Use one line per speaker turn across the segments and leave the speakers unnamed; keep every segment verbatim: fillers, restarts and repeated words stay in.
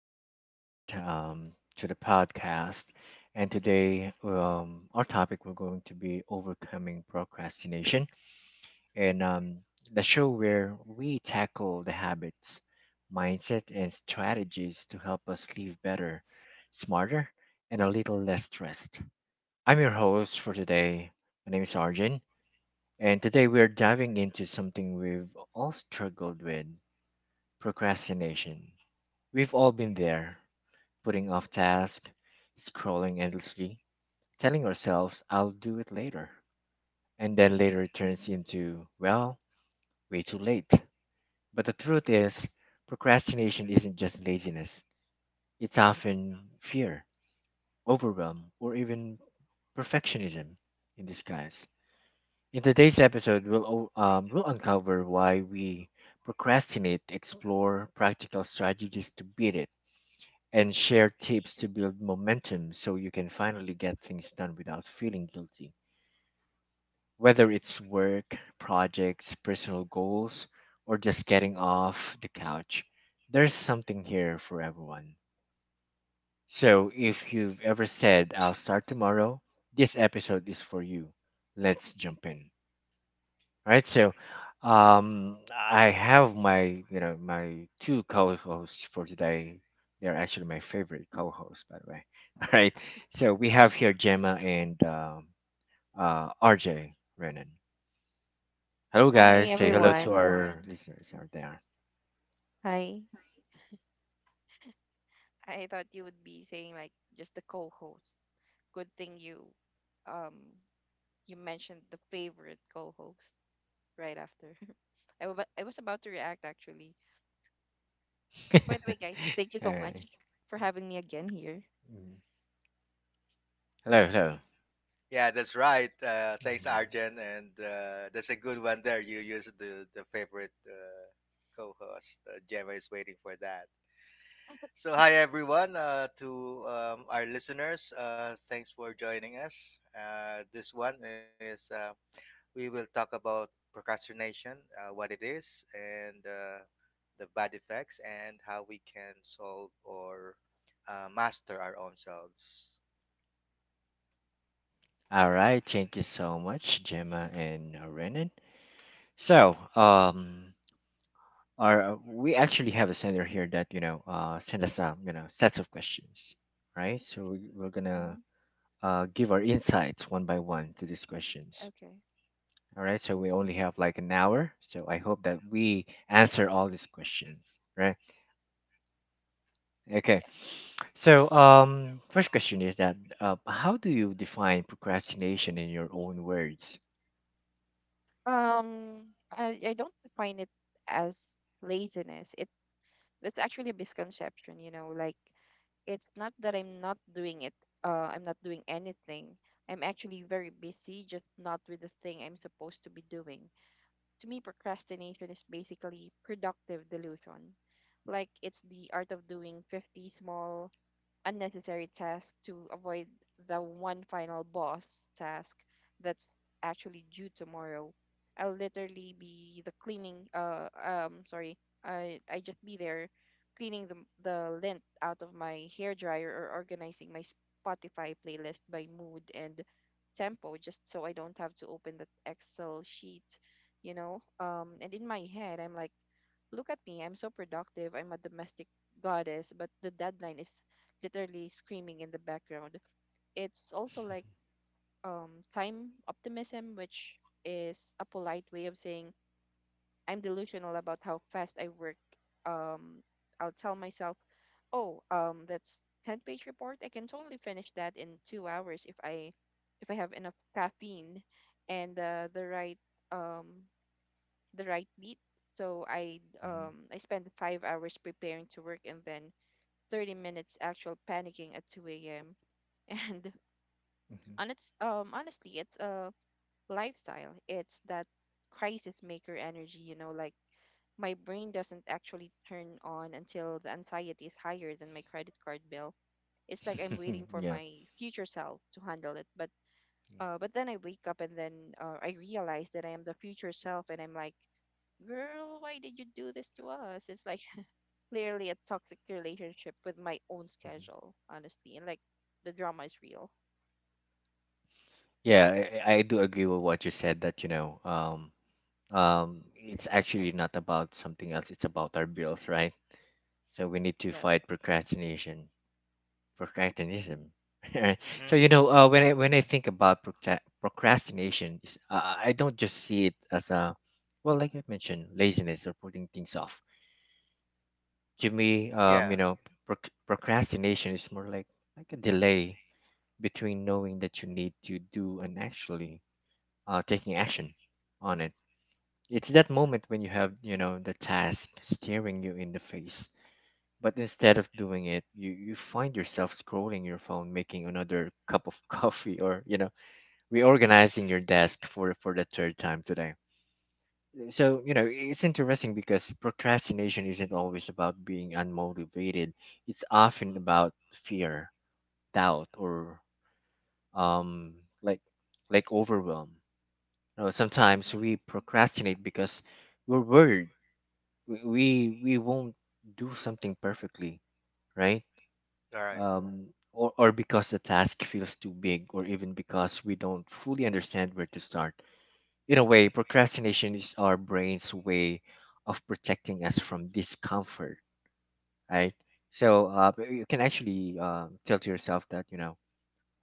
back, guys, um, to the podcast. And today, um, our topic we're going to be overcoming procrastination, and um, the show where we tackle the habits, mindset, and strategies to help us live better, smarter, and a little less stressed. I'm your host for today. My name is Arjun, and today we're diving into something we've all struggled with: procrastination. We've all been there putting off tasks, scrolling endlessly, telling ourselves, I'll do it later. And then
hmm
later turns into, well, way too late. But the truth is, procrastination isn't just laziness, it's often fear, overwhelm, or even perfectionism in disguise. In today's episode, we'll, o- um, we'll uncover why we procrastinate, explore practical strategies to beat it and share tips to build momentum so you can finally get things done without feeling guilty. Whether it's work, projects, personal goals, or just getting off the couch, there's something here for everyone. So if you've ever said, I'll start tomorrow, this episode is for you. Let's jump in. Right? So, um, I have my you know my two co-hosts for today. They're actually my favorite co-hosts, by the way. All right, so we have here Gemma and um, uh, R J Renan. Hello,
Hi,
guys. Say hello to
everyone.
our listeners out there.
Hi. I thought you would be saying like just the co-host. Good thing you um you mentioned the favorite co-host right after. I wa- I was about to react actually. By the way, guys, thank you
All
so much
right.
for having me again here.
Mm. Hello, hello.
Yeah, that's right. Uh, thanks,
Mhm.
Arjen, and uh, that's a good one there. You used the the favorite uh, co-host. Uh, Gemma is waiting for that. So, hi everyone. Uh, to um, our listeners, uh, thanks for joining us. Uh, this one is uh, we will talk about procrastination, uh, what it is, and uh, the bad effects, and how we can solve or uh, master our own selves.
All right. Thank you so much, Gemma and Renan. So, um, Or uh, we actually have a sender here that you know uh, send us um, you know sets of questions, right? So we, we're gonna
hmm
uh, give our insights one by one to these questions.
Okay.
All right. So we only have like an hour. So I hope that we answer all these questions, right? Okay.
Yeah.
So um, first question is that uh, how do you define procrastination in your own words?
Um, I, I don't define it as laziness. It That's actually a misconception, you know, like it's not that I'm not doing it. Uh, I'm not doing anything. I'm actually very busy, just not with the thing I'm supposed to be doing. To me, procrastination is basically productive delusion. Like it's the art of doing fifty small, unnecessary task to avoid the one final boss task that's actually due tomorrow. I'll literally be the cleaning uh um sorry, I I just be there cleaning the the lint out of my hair dryer or organizing my Spotify playlist by mood and tempo just so I don't have to open that Excel sheet, you know. Um and in my head I'm like, look at me, I'm so productive, I'm a domestic goddess, but the deadline is literally screaming in the background. It's also like um, time optimism, which is a polite way of saying I'm delusional about how fast I work. Um, I'll tell myself, oh, um, that's ten-page report. I can totally finish that in two hours if I if I have enough caffeine and uh, the right um, the right beat. So I
Mhm,
um, I spend five hours preparing to work and then thirty minutes actual panicking at two a m And
mhm.
And it's um honestly, it's a lifestyle. It's that crisis maker energy, you know, like my brain doesn't actually turn on until the anxiety is higher than my credit card bill. It's like I'm waiting
mhm.
for
Yeah.
my future self to handle it. But uh, but then I wake up and then uh, I realize that I am the future self, and I'm like, girl, why did you do this to us? It's like clearly a toxic relationship with my own
Mhm.
schedule, honestly, and like the drama is real.
Yeah, I, I do agree with what you said that, you know, um, um, it's actually not about something else. It's about our bills, right? So we need to fight
Yes.
procrastination, procrastinism. Right? So you
hmm
know, uh, when I when I think about procra- procrastination, it's- uh, I don't just see it as a, well, like I mentioned, laziness or putting things off. To me, um, you
Yeah.
know, proc- procrastination is more like like a delay between knowing that you need to do and actually uh, taking action on it. It's that moment when you have, you know, the task staring you in the face, but instead of doing it, you, you find yourself scrolling your phone, making another cup of coffee, or, you know, reorganizing your desk for, for the third time today. So, you know, it's interesting because procrastination isn't always about being unmotivated, it's often about fear, doubt, or, um, like, like overwhelm. You know, sometimes
Mm.
we procrastinate because we're worried we we we won't do something perfectly right,
All right.
um or, or because the task feels too big or even because we don't fully understand where to start. In a way, procrastination is our brain's way of protecting us from discomfort, right? So uh, but you can actually uh, tell to yourself that you know,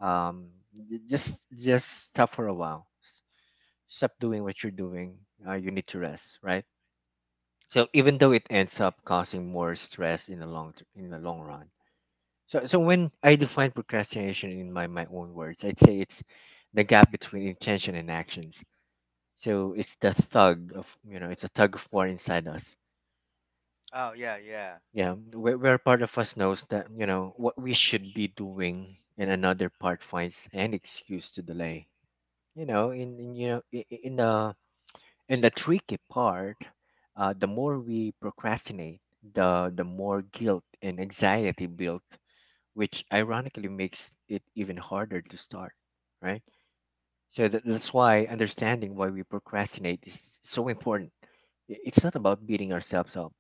um, j- just just stop for a while. S- stop doing what you're doing. Uh, you need to rest, right? So even though it ends up causing more stress in the long ter- in the long run. So so when I define procrastination in my my own words, I'd say it's the gap between intention and actions. So it's the thug of you know it's a tug of war inside us,
Oh yeah, yeah.
yeah, where, where part of us knows that you know what we should be doing and another part finds an excuse to delay, you know in, in you know in, in the And the tricky part, uh, the more we procrastinate, the the more guilt and anxiety builds, which ironically makes it even harder to start, right? So that, that's why understanding why we procrastinate is so important. I- It's not about beating ourselves up.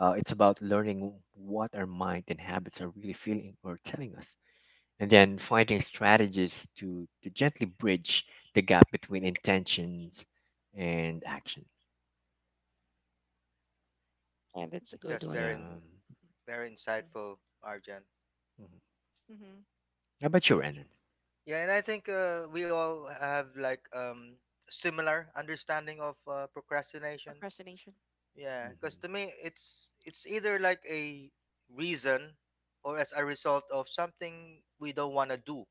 Uh, it's about learning what our mind and habits are really feeling or telling us, and then finding strategies to to gently bridge the gap between intentions and action.
Yeah, that's a good
That's
one.
Yeah.
very
hmm
very insightful, Arjan.
Mhm.
Mm-hmm.
How about you, Renan?
Yeah, and I think uh, we all have like um similar understanding of uh, procrastination.
Procrastination.
Yeah, because
Mm-hmm.
to me it's it's either like a reason or as a result of something we don't want to do.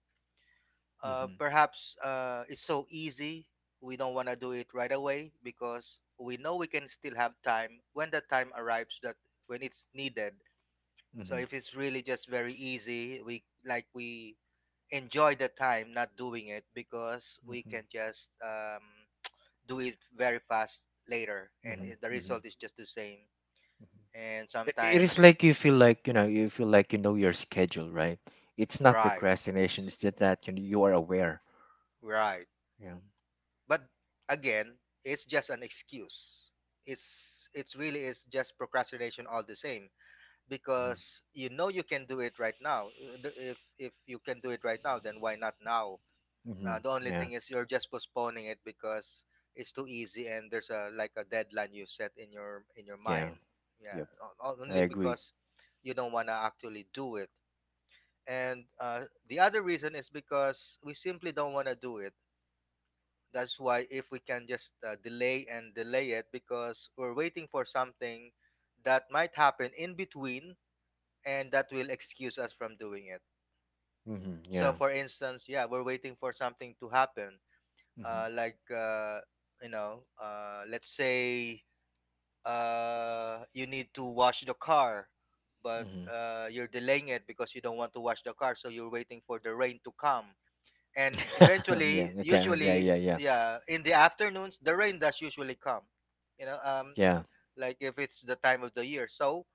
Uh,
Mm-hmm.
perhaps uh, it's so easy we don't want to do it right away because we know we can still have time when the time arrives that when it's needed. So
Mm-hmm.
if it's really just very easy, we like we enjoy the time not doing it because we
Mm-hmm.
can just um, do it very fast later and
Mm-hmm.
it- the
Mm-hmm.
result is just the same and
It, it is
sometimes
like you feel like you know you feel like you know your schedule, right? It's not
right
procrastination. It's just that you know, you are aware.
right
Yeah.
but again it's just an excuse it's it's really is just procrastination all the same
Mm-hmm.
because you know you can do it right now. Uh, the- if if you can do it right now then why not now?
Mm-hmm.
Uh, the only
Yeah.
thing is you're just postponing it because it's too easy and there's a like a deadline you set in your in your
Yeah.
mind. Yeah,
Yep.
o-
I
only
agree.
because you don't want to actually do it. And uh, the other reason is because we simply don't want to do it. That's why if we can just uh, delay and delay it because we're waiting for something that might happen in between and that will excuse us from doing it.
Mm-hmm.
So,
Yeah.
for instance, yeah, we're waiting for something to happen.
Mm-hmm.
uh, like uh, you know, uh, let's say uh, you need to wash the car but
Mm-hmm.
uh, you're delaying it because you don't want to wash the car, so you're waiting for the rain to come and
Yeah.
eventually
Okay. Yeah.
usually
Yeah. Yeah.
yeah in the afternoons the rain does usually come, you know. Um
Yeah.
like if it's the time of the year, so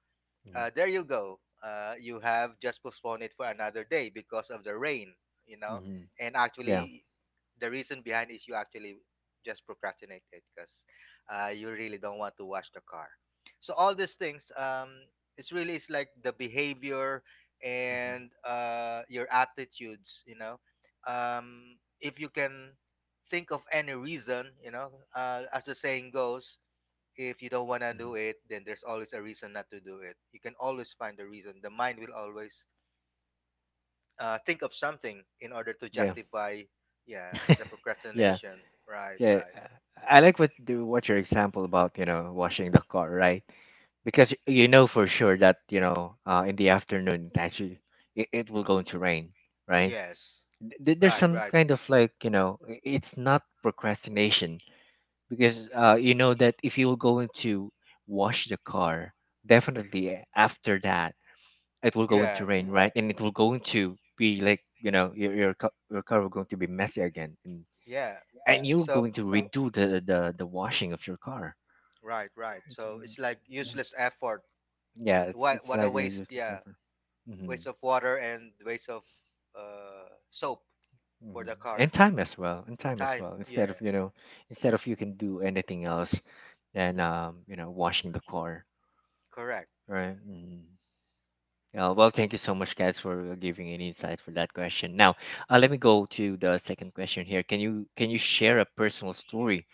Yeah.
uh, there you go. Uh, you have just postponed it for another day because of the rain, you know.
Mm-hmm.
And
Yeah.
actually, the reason behind is you actually just procrastinate it because uh, you really don't want to wash the car. So all these things, um, it's really it's like the behavior
Mm-hmm.
and uh, your attitudes, you know. Um, if you can think of any reason, you know, uh, as the saying goes, if you don't want to do
Mm-hmm.
it, then there's always a reason not to do it. You can always find a reason. The mind will always uh, think of something in order to
Yeah.
justify, yeah, the
Yeah.
procrastination. Right,
Yeah,
right.
I like what the, what your example about you know washing the car, right? Because you know for sure that you know uh, in the afternoon it actually it, it will going to rain, right?
Yes.
Th- There's
Right,
some
right.
kind of like you know i- it's not procrastination because uh, you know that if you will go into wash the car, definitely after that it will going
Yeah,
to rain, right? And it will going to be like you know your your, ca- your car will going to be messy again, and
yeah.
and you're
So,
going to redo the the, the washing of your car.
right, right.
It's, uh,
So it's like
mm,
useless effort.
Yeah, it's
What,
it's
what a
like it
waste.
used to
Yeah,
suffer. Hmm
waste of water and waste of uh, soap for
hmm
the
And
car.
time as well, and time as
Time.
well. Instead
Yeah,
of you know, instead of you can do anything else than um you know washing the car,
correct. Yeah.
right? hmm Uh, well, thank you so much, guys, for giving an insight for that question. Now, uh, let me go to the second question here. Can you can you share a personal story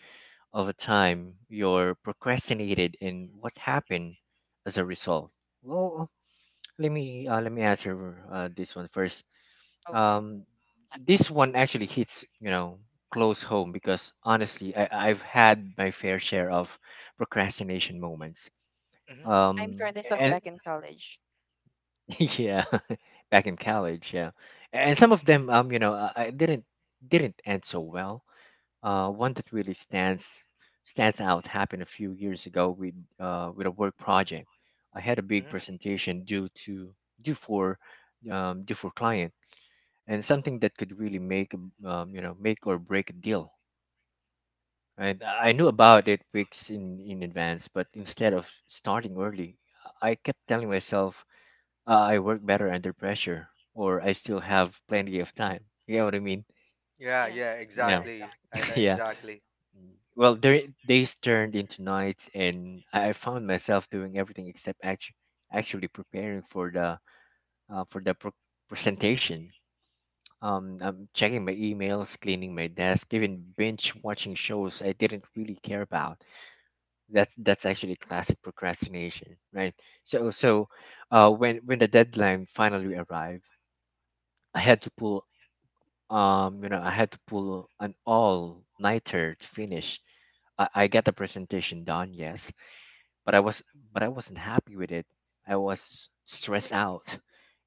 over time you're procrastinated and what happened as a result. Well, let me uh, let me answer uh, this one first.
Okay.
um this one actually hits you know close home because honestly, I, I've had my fair share of procrastination moments.
hmm
I'm
Um
sure this was
and
back in college.
Yeah, back in college, yeah. And some of them um you know i I didn't didn't end so well. Uh, one that really stands stands out happened a few years ago with uh, with a work project. I had a big
hmm
presentation due to due for um, due for client, and something that could really make a- um, you know make or break a deal. And I knew about it weeks in in advance, but instead of starting early, I kept telling myself uh, I work better under pressure, or I still have plenty of time. You know what I mean?
Yeah,
Yeah.
yeah,
Yeah.
exactly. I know
Yeah.
exactly.
Mm. Well, there, days turned into nights, and I I found myself doing everything except actually actually preparing for the uh, for the pr- presentation. Um, I'm checking my emails, cleaning my desk, even binge watching shows I didn't really care about. That's that's actually classic procrastination, right? So so, uh, when when the deadline finally arrived, I had to pull um you know I had to pull an all nighter to finish. I, I get the presentation done, yes, but I was but I wasn't happy with it. I was stressed out,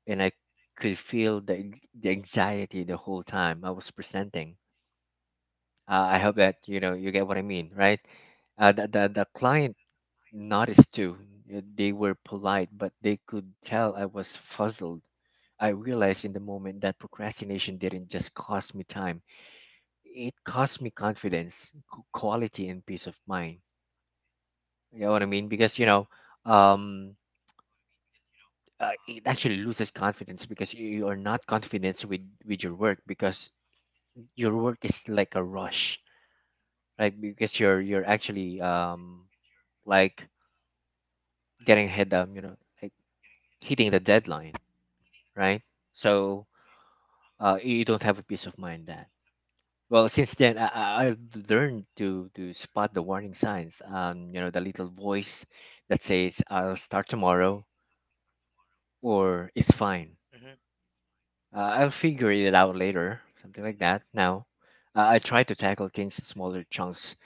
and I could feel the the anxiety the whole time I was presenting. Uh, I hope that you know you get what I mean, right? Uh, the, the the client noticed too. Uh, They were polite, but they could tell I was fuzzled. I realized in the moment that procrastination didn't just cost me time; it cost me confidence, qu- quality, and peace of mind. You know what I mean? Because you know, um, uh, it actually loses confidence because you, you are not confident with with your work because your work is like a rush, right? Because you're you're actually um like getting ahead, um, you know, like hitting the deadline, right? So uh, you don't have a peace of mind that. Well, since then, I, I- I've learned to to spot the warning signs. Um, you know, the little voice that says, "I'll start tomorrow," or "It's fine."
hmm
Uh, I'll figure it out later, something like that. Now, uh, I try to tackle things in smaller chunks,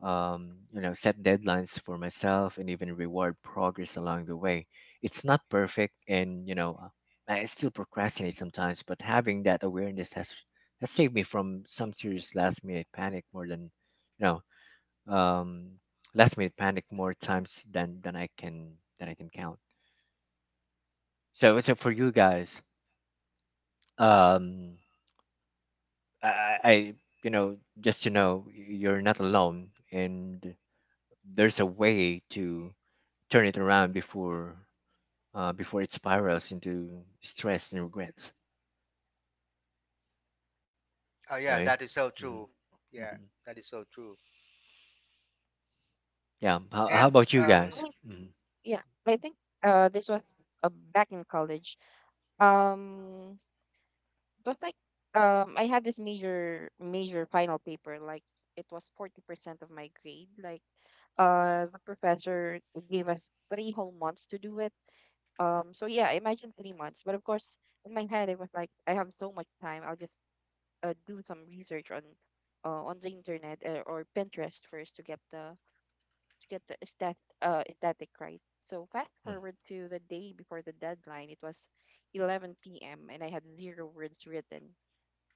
um, you know, set deadlines for myself and even reward progress along the way. It's not perfect, and you know, uh, I still procrastinate sometimes, but having that awareness has has saved me from some serious last minute panic more than, you know, um, last minute panic more times than than I can than I can count. So, so for you guys, um I, I, you know, just to know you're not alone, and there's a way to turn it around before, uh, before it spirals into stress and regrets,
Oh yeah,
right?
that is so
hmm
true. Yeah,
hmm
that is so true.
Yeah. How, how
And
about you
I
guys?
um,
think-
Hmm
Yeah, I think uh this was uh, back in college. Um, it was like um I had this major major final paper like it was forty percent of my grade. Like uh the professor gave us three whole months to do it. Um, so yeah, imagine three months. But of course, in my head, it was like I have so much time. I'll just uh, do some research on uh, on the internet uh, or Pinterest first to get the to get the aesthet, uh, aesthetic right. So fast forward to the day before the deadline, it was eleven p m and I had zero words written.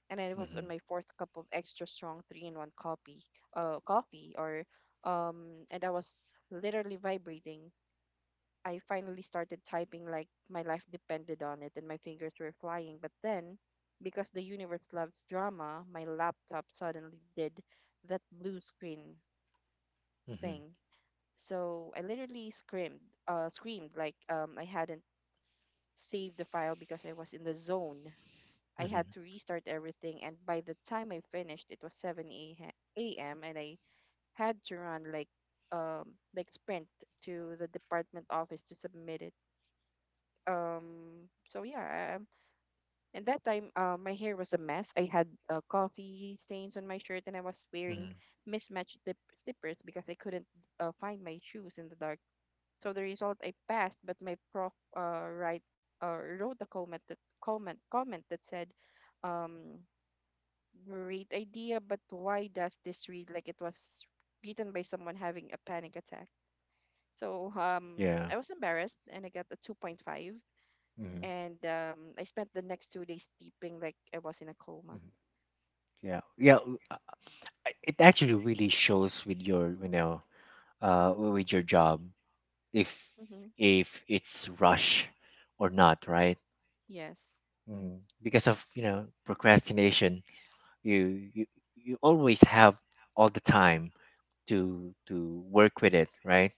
And I was
Mm-hmm.
on my fourth cup of extra strong three-in-one coffee, uh, coffee, or um, and I was literally vibrating. I finally started typing like my life depended on it, and my fingers were flying. But then, because the universe loves drama, my laptop suddenly did that blue screen
Mm-hmm.
thing, so I literally screamed, uh, screamed like um, I hadn't saved the file because I was in the zone. I had to restart everything, and by the time I finished, it was seven a m and I had to run like um like sprint to the department office to submit it. Um, so yeah, um, and that time uh, my hair was a mess. I had uh, coffee stains on my shirt, and I was wearing
hmm
mismatched dip- slippers because I couldn't uh, find my shoes in the dark. So the result, I passed, but my prof uh, write uh, wrote a comment that comment comment that said, um, great idea, but why does this read like it was written by someone having a panic attack? So um,
Yeah.
I was embarrassed, and I got a two point five,
Mm-hmm.
and um, I spent the next two days sleeping like I was in a coma.
Mm-hmm. Yeah. Yeah. w- uh, I- It actually really shows with your, you know, uh, with your job if
Mm-hmm.
if it's rush or not, right?
Yes,
Mm. Because of you know procrastination, you you you always have all the time to to work with it, right?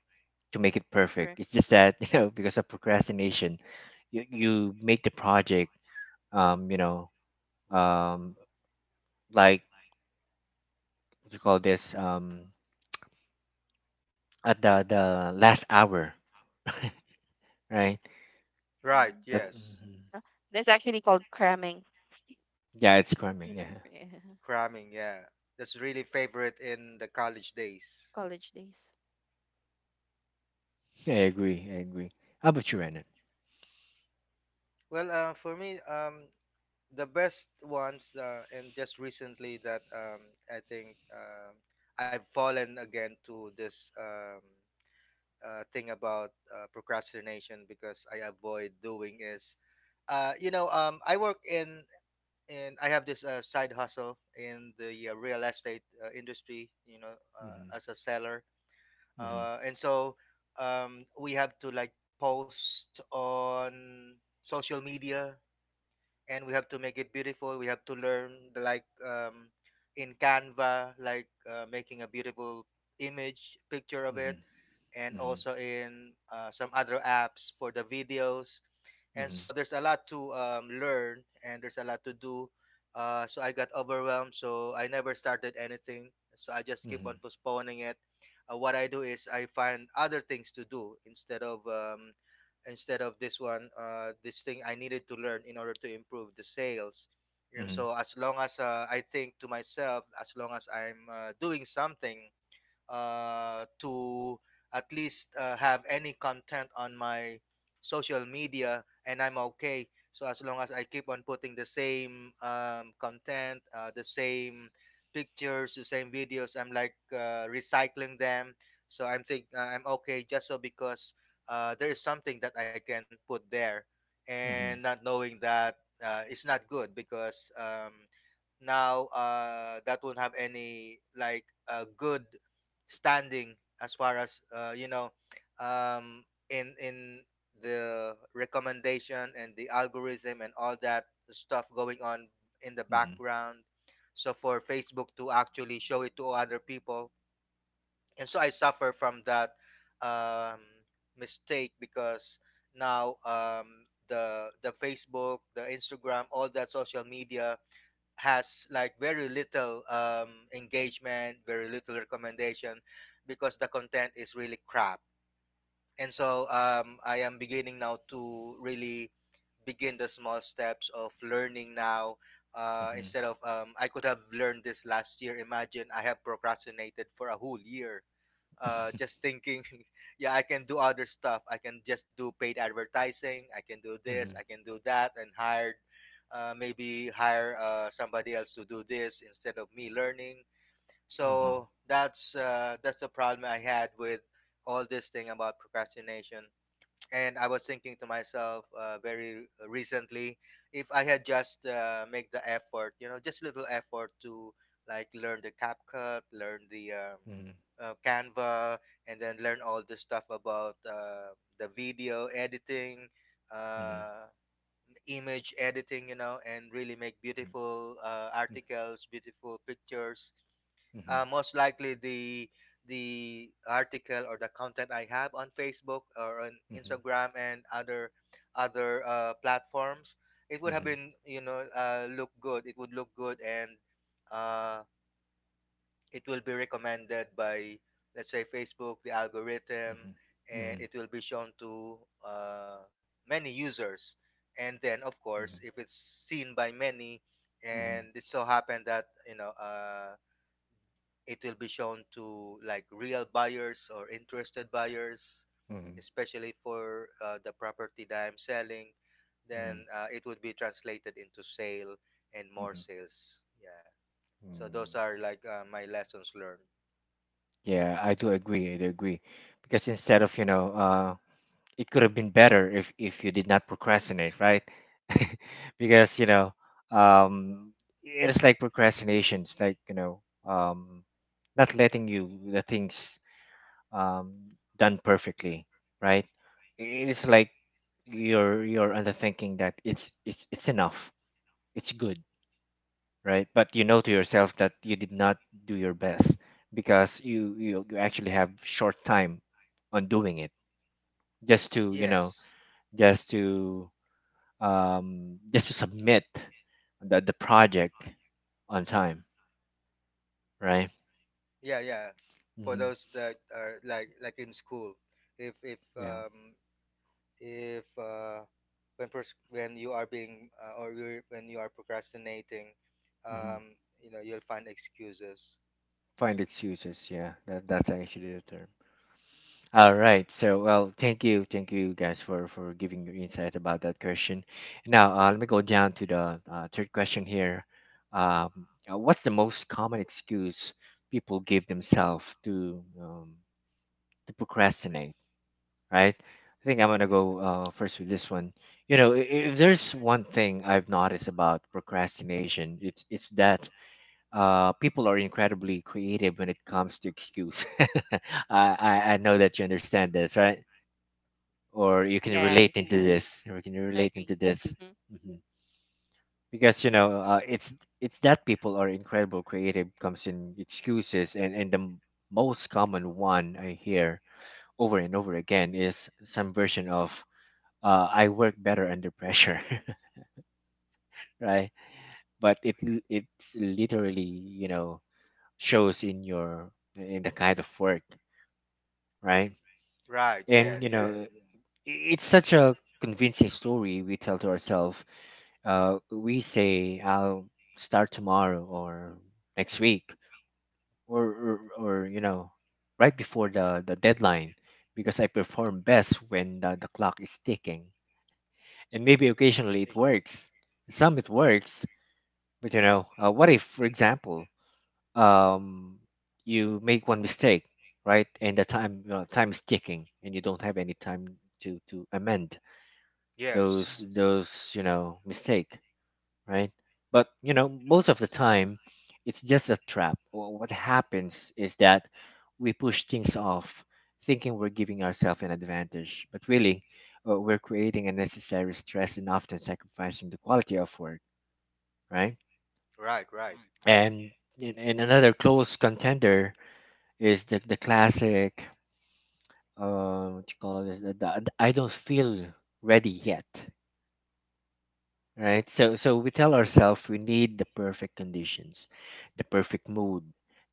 To make it
that's
perfect.
correct.
It's just that you know because of procrastination, you you make the project um you know um like what you call this um at the the last hour, right?
right,
hmm
That
yes,
mhm.
Uh, that's actually called cramming,
Yeah, it's cramming.
you know.
Yeah,
cramming. Yeah, that's really favorite in the college days.
College days.
yeah, I agree. I agree. How about you, Renan?
Well, uh, for me, um, the best ones, uh, and just recently that um, I think um, I've fallen again to this um, uh, thing about uh, procrastination because I avoid doing is, uh, you know, um, I work in and I have this uh, side hustle in the uh, real estate uh, industry, you know,
Mm-hmm.
uh, as a seller.
Mm-hmm.
Uh, and so um, we have to like post on social media and we have to make it beautiful. We have to learn the, like um, in Canva, like uh, making a beautiful image picture of it
Mm-hmm.
and
Mm-hmm.
also in uh, some other apps for the videos, and
Mm-hmm.
so there's a lot to um, learn and there's a lot to do. Uh, so I got overwhelmed, so I never started anything, so I just keep on
Mm-hmm.
postponing it. Uh, what I do is I find other things to do instead of um, instead of this one, uh, this thing I needed to learn in order to improve the sales. And
Mhm.
so as long as uh, I think to myself, as long as I'm uh, doing something uh, to at least uh, have any content on my social media, and I'm okay. So as long as I keep on putting the same um, content, uh, the same pictures, the same videos, I'm like uh, recycling them. So I'm think uh, I'm okay just so, because uh, there is something that I can put there, and
Mhm.
not knowing that uh, it's not good because um, now uh, that won't have any like uh, good standing as far as uh, you know um, in in the recommendation and the algorithm and all that stuff going on in the
Mhm.
background, so for Facebook to actually show it to other people. And so I suffer from that um, mistake because now um, the the Facebook, the Instagram, all that social media has like very little um, engagement, very little recommendation because the content is really crap. And so um, I am beginning now to really begin the small steps of learning now. Uh,
Mhm.
instead of um, I could have learned this last year. Imagine I have procrastinated for a whole year uh, just thinking, yeah, I can do other stuff. I can just do paid advertising. I can do this. I
Mhm.
can do that, and hired, uh, maybe hire uh, somebody else to do this instead of me learning.
Mhm.
So that's uh, that's the problem I had with all this thing about procrastination. And I was thinking to myself uh, very recently, if I had just uh, make the effort, you know, just little effort to like learn the CapCut, learn the um, uh, Canva, and then learn all the stuff about uh, the video editing,
Mhm. Mhm.
uh, image editing, you know, and really make beautiful uh, articles, beautiful pictures,
Mhm.
uh, most likely the the article or the content I have on Facebook or on
Mhm. Mhm.
Instagram and other other uh, platforms, it would have
Mhm.
been you know uh, look good. It would look good, and uh, it will be recommended by let's say Facebook, the algorithm, and
Mhm.
it will be shown to uh, many users. And then, of
Mhm.
course,
Mhm. Mhm.
if it's seen by many, and it so happened that you know. Uh, it will be shown to like real buyers or interested buyers,
Mhm. Mhm.
especially for uh, the property that I'm selling, then uh, it would be translated into sale and more
Mhm.
sales, yeah. So those
Mhm.
are like uh, my lessons learned.
Yeah, I do agree. I do agree. Because instead of, you know, uh, it could have been better if if you did not procrastinate, right? Because, you know, um, it's like procrastinations, like, you know, um, not letting you the things um, done perfectly, right? It's like you're you're under thinking that it's it's it's enough, it's good, right? But you know to yourself that you did not do your best because you you, you actually have short time on doing it just to you know
Yes.
just to um, just to submit the the project on time, right?
Yeah, yeah. For
Hmm.
those that are like like in school, if if
Yeah.
um if uh when pers- when you are being uh, or you're, when you are procrastinating,
Hmm.
um you know you'll find excuses.
Find excuses. Yeah, that that's actually the term. All right. So, well, thank you, thank you guys for for giving your insight about that question. Now, uh, let me go down to the uh, third question here. Um, uh, what's the most common excuse people give themselves to um, to procrastinate? Right. I think I'm gonna go uh, first with this one. You know, i- if there's one thing I've noticed about procrastination, it's it's that uh, people are incredibly creative when it comes to excuse. I, I I know that you understand this, right? Or you can
Yes,
relate into hmm this or you can
I
relate
agree.
into this. Hmm. Because you know uh, it's it's that people are incredible creative comes in excuses and and the m- most common one I hear over and over again is some version of uh, I work better under pressure. Right? But it l- it's literally, you know shows in your in the kind of work, right?
Right.
Yeah.
Yeah.
And you know
Yeah.
i- it's such a convincing story we tell to ourselves. uh, we say I'll start tomorrow or next week or, or or you know right before the the deadline, because I perform best when the, the clock is ticking and maybe occasionally it
Eh,
works, some it works. But you know uh, what if for example um you make one mistake, right? And the time uh, time is ticking and you don't have any time to to amend those
yes.
those you know mistake, right? But you know, most of the time, it's just a trap. Wh- What happens is that we push things off, thinking we're giving ourselves an advantage, but really, uh, we're creating unnecessary stress and often sacrificing the quality of work, right?
Right. Right.
And and and another close contender is the the classic, uh, what you call this? The, the I don't feel ready yet, right? So so we tell ourselves we need the perfect conditions, the perfect mood,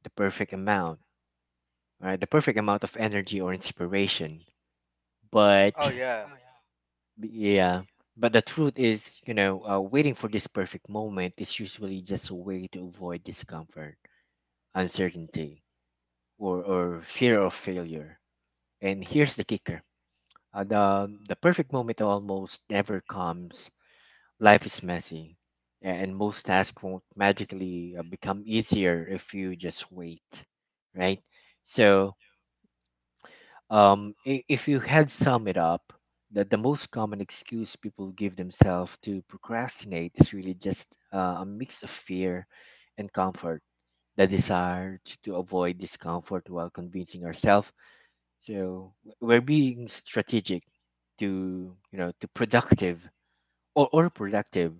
the perfect amount, right? The perfect amount of energy or inspiration.
Oh,
But
yeah.
yeah, but the truth is, you know uh, waiting for this perfect moment is usually just a way to avoid discomfort, uncertainty, or or fear of failure. And here's the kicker, uh, the the perfect moment almost never comes. Life is messy, and most tasks won't magically uh, become easier if you just wait, right? So, um, i- if you had sum it up, that the most common excuse people give themselves to procrastinate is really just uh, a mix of fear and comfort, the desire to, to avoid discomfort while convincing ourselves. So, w- we're being strategic to, you know to productive, or, or productive.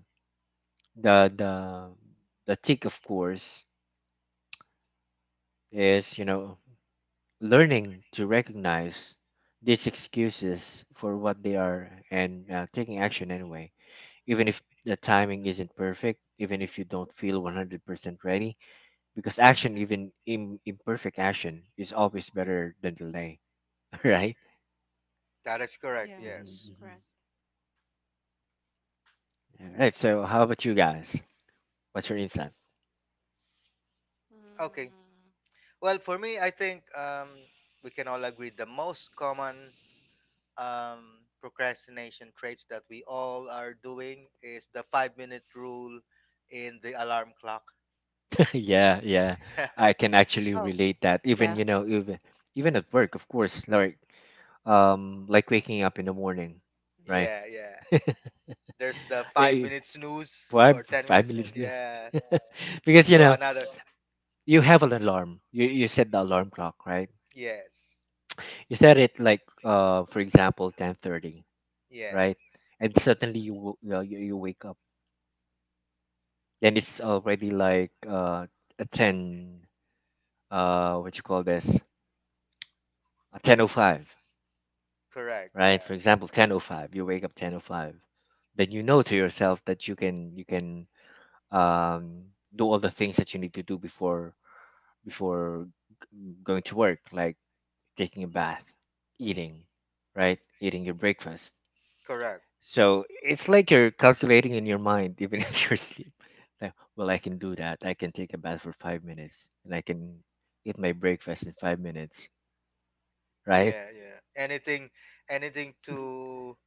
The the the tick of course is, you know learning to recognize these excuses for what they are and uh, taking action anyway, even if the timing isn't perfect, even if you don't feel one hundred percent ready, because action, even Im- imperfect action, is always better than delay. Right?
That is correct.
Yeah,
Mhm,
Yes.
mhm.
correct.
All right, so how about you guys? What's your insight?
Okay.
Mm.
Well, for me, I think um, we can all agree the most common um, procrastination traits that we all are doing is the five minute rule in the alarm clock.
Yeah, yeah,
yeah.
I can actually
Oh,
relate that, even
yeah.
you know even even at work of course, like um like waking up in the morning, right?
Yeah. Yeah. There's the five
Eh,
minute snooze
why
or ten
family
minutes.
listeners,
Yeah.
because you
So
know
another.
you have an alarm, you, you set the alarm clock, right?
Yes.
You set it like uh for example ten thirty, right?
Yes.
And suddenly you wo- you, know, you you wake up, then it's already like uh a ten, uh what you call this a ten oh five,
Correct.
right? For example, ten oh five you wake up ten oh five, then you know to yourself that you can you can um, do all the things that you need to do before before g- going to work, like taking a bath, eating, right, eating your breakfast.
Yeah.
So it's like you're calculating in your mind, even if you're asleep. Like, well, I can do that. I can take a bath for five minutes, and I can eat my breakfast in five minutes, right?
Yeah, yeah. Anything, anything to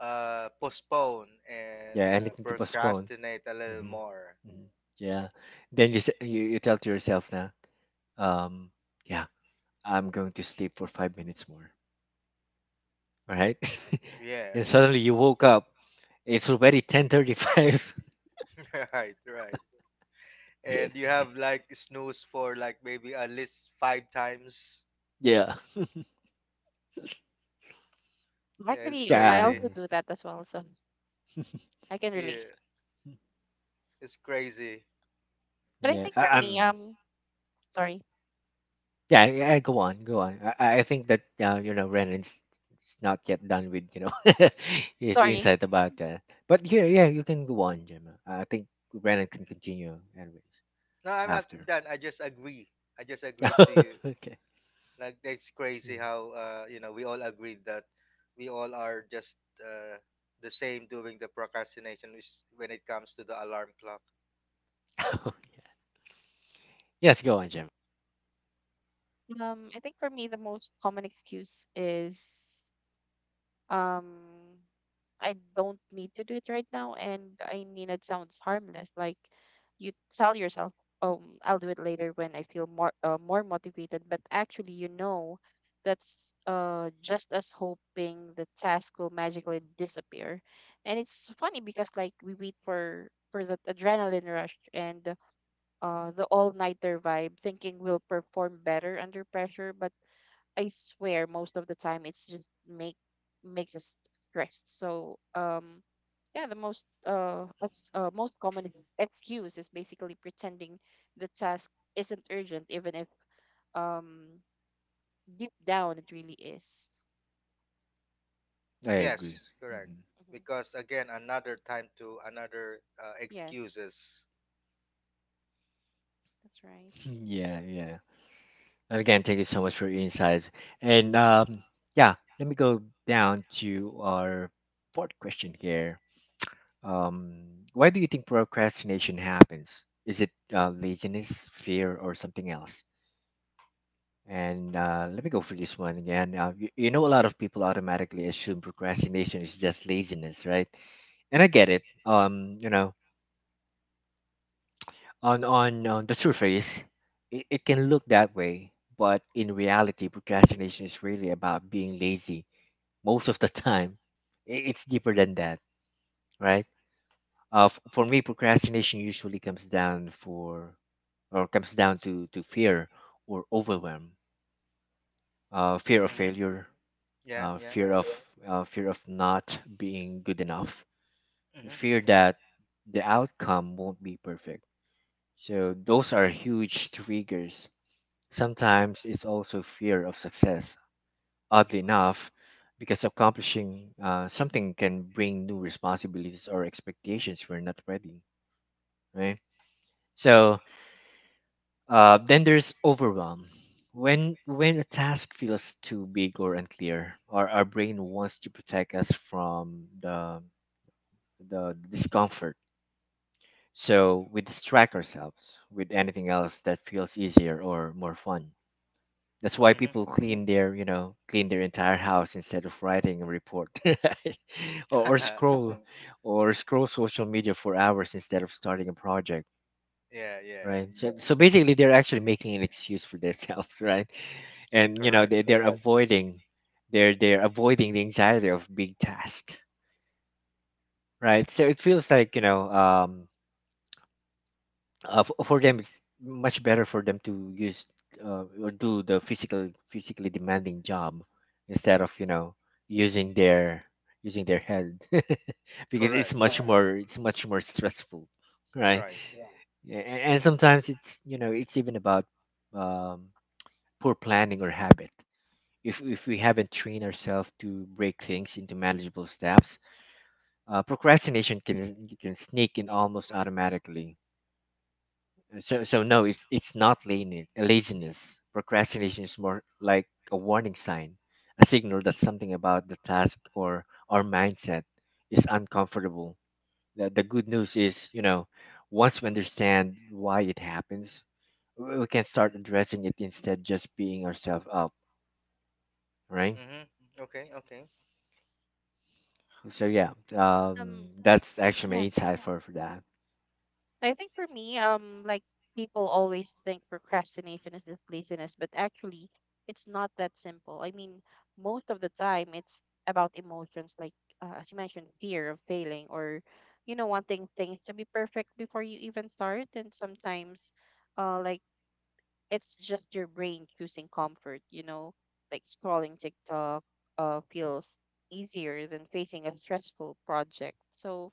uh, postpone
Yeah,
and uh,
anything to postpone.
procrastinate a little
Hmm.
more.
Hmm. Yeah. Then you, s- you you tell to yourself now, um, yeah, I'm going to sleep for five minutes more, right? And
Yes,
suddenly you woke up. It's already ten thirty-five.
right, right. And you have like snooze for like maybe at least five times.
Yeah,
Yeah, it's
Actually, um, I
yeah,
crazy.
also do that as well, so I can
Yeah,
relate.
it's crazy.
But I
yeah.
think for
I,
me,
I'm.
um, sorry,
Yeah, yeah, yeah, go on, go on. I, I I think that uh, you know Renan's is not yet done with you know his
sorry.
insight about that. But yeah, yeah, you can go on, Gemma. I think Renan can continue anyways
No, I'm not
after.
done. I just agree. I just agreed to you.
Okay.
Like it's crazy how uh, you know we all agreed that we all are just uh, the same doing the procrastination which- when it comes to the alarm clock.
Mm. Yes, go on, Gemma.
Um, I think for me, the most common excuse is um I don't need to do it right now. And I mean, it sounds harmless. Like you tell yourself, um, I'll do it later when I feel more uh, more motivated. But actually, you know, that's uh just as hoping the task will magically disappear. And it's funny because like we wait for for that adrenaline rush and uh the all nighter vibe, thinking we'll perform better under pressure, but I swear most of the time it's just make makes us stressed. So um yeah, the most uh, ex- uh most common excuse is basically pretending the task isn't urgent even if um deep down it really is.
I
Yes,
agree.
correct.
Mhm.
hmm
Because again, another time to another uh,
Yes,
excuses.
that's right.
Yeah, yeah. And again, thank you so much for your insights. And um, yeah, let me go down to our fourth question here. Um, why do you think procrastination happens? Is it uh, laziness, fear, or something else? And uh, let me go for this one again. Uh, you, you know, a lot of people automatically assume procrastination is just laziness, right? And I get it. Um, you know, on on, on the surface, it, it can look that way, but in reality, procrastination is really about being lazy most of the time. I- It's deeper than that, right? Uh, f- for me, procrastination usually comes down for or comes down to to fear or overwhelm, uh, fear
hmm
of
Mm-hmm.
failure,
Yeah,
uh,
yeah.
fear of uh, fear of not being good enough,
Mm-hmm.
fear that the outcome won't be perfect. So those are huge triggers. Sometimes it's also fear of success, oddly enough, because accomplishing uh, something can bring new responsibilities or expectations we're not ready, right? So uh, then there's overwhelm. When when a task feels too big or unclear, or our brain wants to protect us from the the discomfort, so we distract ourselves with anything else that feels easier or more fun. That's why
Mm-hmm.
people clean their, you know, clean their entire house instead of writing a report, right? or, or scroll, mhm, or scroll social media for hours instead of starting a project,
yeah, yeah.
right? So, so basically, they're actually making an excuse for themselves, right? And you know,
Correct.
they, they're avoiding, they're they're avoiding the anxiety of big task, right? So it feels like, you know, um, uh, for, for them it's much better for them to use uh, or do the physical physically demanding job instead of, you know, using their using their head, because it's
Correct.
much more, it's much more stressful, right?
Right.
and, and sometimes it's, you know, it's even about um, poor planning or habit. if if we haven't trained ourselves to break things into manageable steps, uh, procrastination can can sneak in almost automatically. So so no, it's it's not lane- laziness. Procrastination is more like a warning sign, a signal that something about the task or our mindset is uncomfortable. The, the good news is, you know, once we understand why it happens, we we can start addressing it instead just beating ourselves up, right?
Mm-hmm. Okay. Okay.
So yeah,
Um
um, that's actually my insight for for that.
I think for me, um, like people always think procrastination is just laziness, but actually, it's not that simple. I mean, most of the time, it's about emotions, like uh, as you mentioned, fear of failing or, you know, wanting things to be perfect before you even start. And sometimes, uh, like it's just your brain choosing comfort, you know, like scrolling TikTok uh, feels easier than facing a stressful project. So,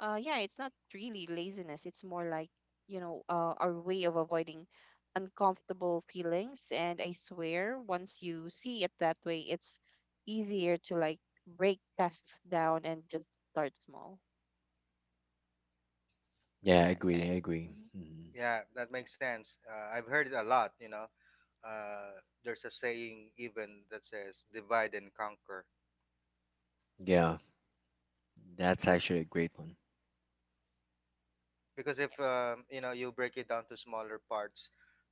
uh, yeah, it's not really laziness. It's more like, you know, uh, our way of avoiding uncomfortable feelings. And I swear, once you see it that way, it's easier to like break tasks down and just start small.
Yeah, I
Yeah,
agree.
yeah,
I agree.
mhm,
Mhm.
Yeah, that makes sense. Uh, I've heard it a lot. You know, uh, there's a saying even that says "divide and conquer,"
Yeah, that's actually a great one.
because if um, you know you break it down to smaller parts,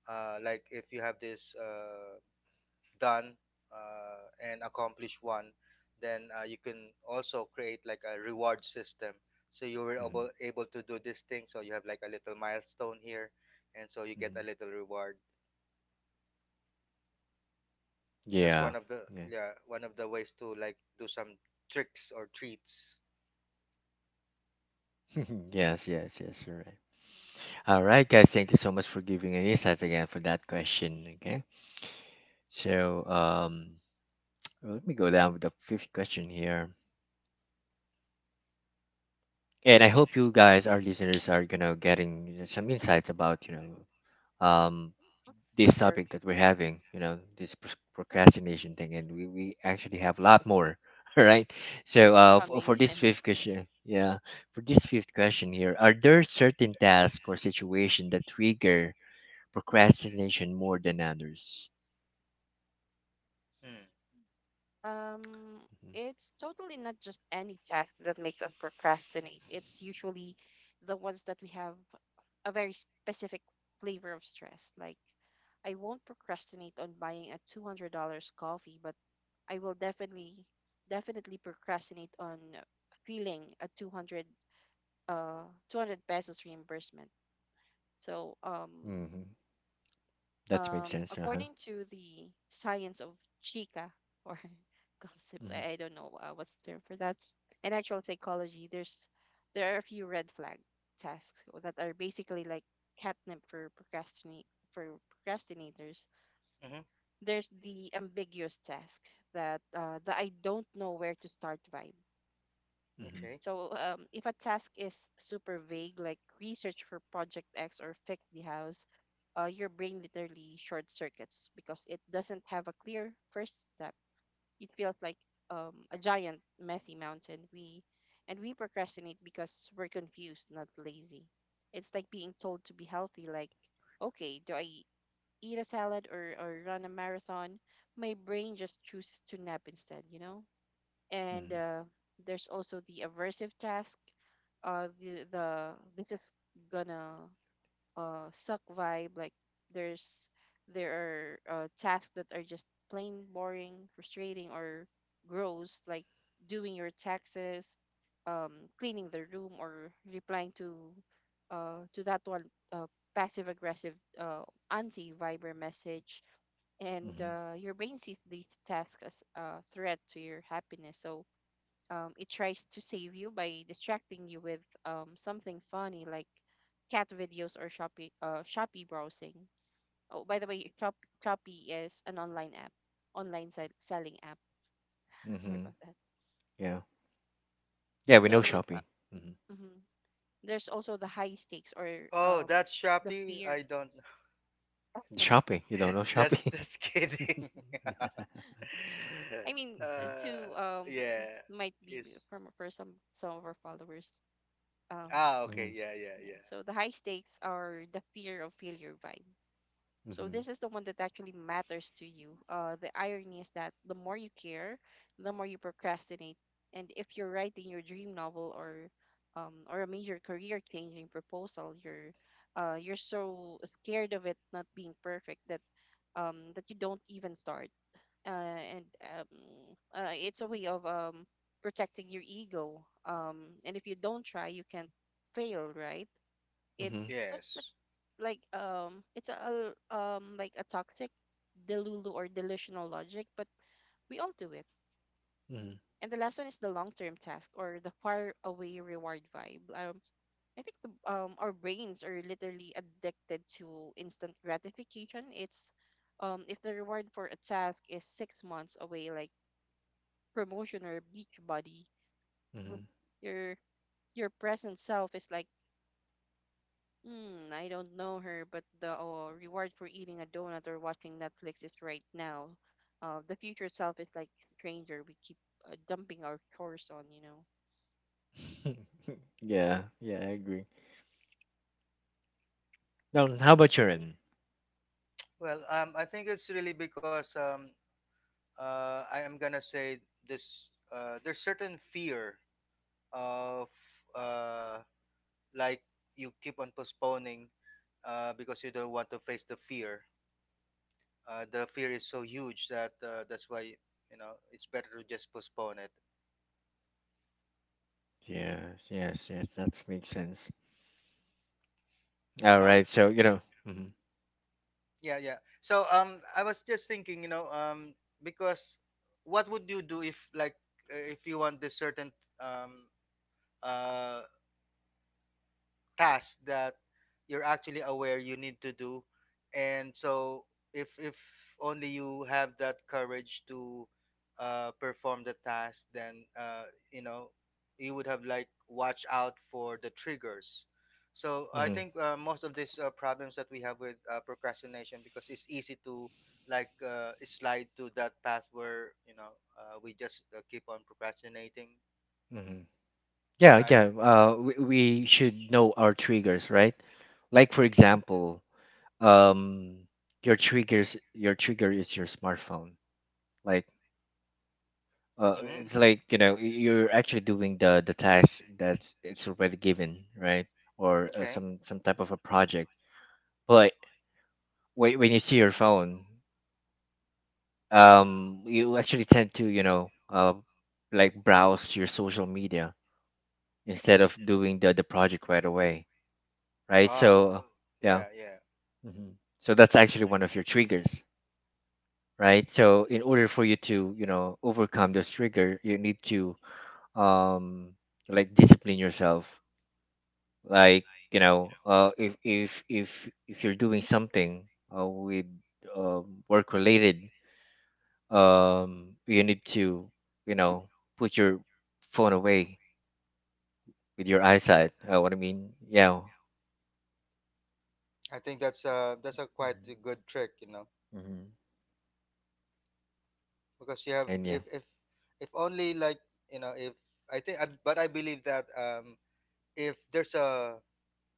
uh, like if you have this uh, done uh, and accomplish one, then uh, you can also create like a reward system, so you were
Hmm.
able, able to do this thing so you have like a little milestone here and so you get a
Hmm.
little reward. That's one
Yeah.
of the yeah one of the ways to like do some tricks or treats.
Yes, yes, yes, you're right. All right, guys, thank you so much for giving an insights again for that question. Okay, so um, let me go down with the fifth question here, and I hope you guys, our listeners, are you know getting you know, some insights about you know um
for
this
sure.
topic that we're having, you know, this pros- procrastination thing, and we we actually have a lot more. All right, so uh, for,
Coming.
for this fifth question, yeah, for this fifth question here, are there certain tasks or situation that trigger procrastination more than others?
mm. hmm
Um, it's totally not just any task that makes us procrastinate. It's usually the ones that we have a very specific flavor of stress. Like, I won't procrastinate on buying a two hundred dollars coffee, but I will definitely, definitely procrastinate on feeling a two hundred, uh, two hundred pesos reimbursement. So, um,
Mm-hmm. Hmm. That makes
um,
sense. Uh huh.
According to the science of chica or gossips, I,
Mm-hmm.
I don't know uh, what's the term for that. In actual psychology, there's there are a few red flag tasks that are basically like catnip for procrastinate for procrastinators.
Mm-hmm.
There's the ambiguous task, that uh, the I don't know where to start vibe.
Mm-hmm.
Okay.
So um, if a task is super vague, like research for Project X or fix the house, uh, your brain literally short circuits because it doesn't have a clear first step. It feels like um, a giant, messy mountain. We and we procrastinate because we're confused, not lazy. It's like being told to be healthy, like, okay, do I eat a salad or, or run a marathon? My brain just chooses to nap instead, you know? And
Mm-hmm.
uh, There's also the aversive task, uh the, the this is gonna uh suck vibe. like there's there are uh, tasks that are just plain boring, frustrating, or gross, like doing your taxes, um cleaning the room, or replying to uh to that one uh, passive aggressive uh anti viber message. And
Mm-hmm.
uh, Your brain sees these tasks as a threat to your happiness, so um, it tries to save you by distracting you with um, something funny like cat videos or Shopee uh, Shopee browsing. Oh, by the way, Shop, Shopee is an online app, online sell- selling app. Sorry
Mm-hmm.
about that.
Yeah. Yeah,
Yeah,
we know
so uh,
shopping. Mm-hmm.
mhm. There's also the high stakes or
Oh,
um,
that's
the
Shopee,
fear.
I don't.
Shopping. You don't know
just
shopping.
just kidding.
Yeah.
I mean,
uh,
uh,
Mm-hmm.
to um,
yeah.
might be b-
Is
from for some some of our followers. Um,
ah okay. Yeah, yeah,
yeah,
yeah.
so the high stakes are the fear of failure vibe. So
Mm-hmm.
this is the one that actually matters to you. Uh, the irony is that the more you care, the more you procrastinate. And if you're writing your dream novel or um, or a major career-changing proposal, you're uh, you're so scared of it not being perfect that um, that you don't even start. Uh, and um, uh, It's a way of um, protecting your ego. Um, and if you don't try, you can fail, right?
Mm-hmm.
It's such a
Yes.
like um it's a um like a toxic delulu or delusional logic, but we all do it.
Mm-hmm.
And the last one is the long-term task or the far away reward vibe. Um i think the, um our brains are literally addicted to instant gratification. It's um If the reward for a task is six months away, like promotion or beach body, your your present self is like, hmm, I don't know her, but the uh, reward for eating a donut or watching Netflix is right now. Uh, the future self is like stranger we keep uh, dumping our chores on, you know.
Mm-hmm.
So
yeah. Yeah, I agree. Now,
that
how
one.
about your end?
Well, um, I think it's really because um, uh, I am gonna say this. Uh, there's certain fear of uh, like you keep on postponing uh, because you don't want to face the fear. Uh, the fear is so huge that uh, that's why you know it's better to just postpone it.
Yes. Yes. Yes. That makes sense. All
Now,
right. So you know. Mm-hmm.
yeah, yeah. So um, I was just thinking, you know, um, because what would you do if like uh, if you want this certain um uh task that you're actually aware you need to do? And so if if only you have that courage to uh, perform the task, then uh, you know you would have like watch out for the triggers. So I
Mm-hmm.
think uh, most of these uh, problems that we have with uh, procrastination, because it's easy to like uh, slide to that path where you know uh, we just uh, keep on procrastinating,
Mm-hmm. Yeah,
right?
yeah. Uh, we, we should know our triggers, right? Like for example, um, your triggers, your trigger is your smartphone. Like, uh,
Mm-hmm.
it's like you know y- you're actually doing the the task that's it's already given, right? Or uh,
Okay.
some some type of a project. But when when you see your phone, um, you actually tend to you know uh, like browse your social media instead of doing the the project right away, right?
Ah,
So yeah.
yeah, yeah.
Hmm. So that's actually one of your triggers, right? So in order for you to, you know, overcome this trigger, you need to um like discipline yourself. Like, you know, uh if if if if you're doing something uh, with um work related, um you need to, you know, put your phone away with your eyesight. Uh, what I mean, yeah.
I think that's a that's a quite
Mm-hmm.
a good trick, you know,
Mm-hmm.
because you have
And yeah,
if if if only like you know if I think I, but I believe that um if there's a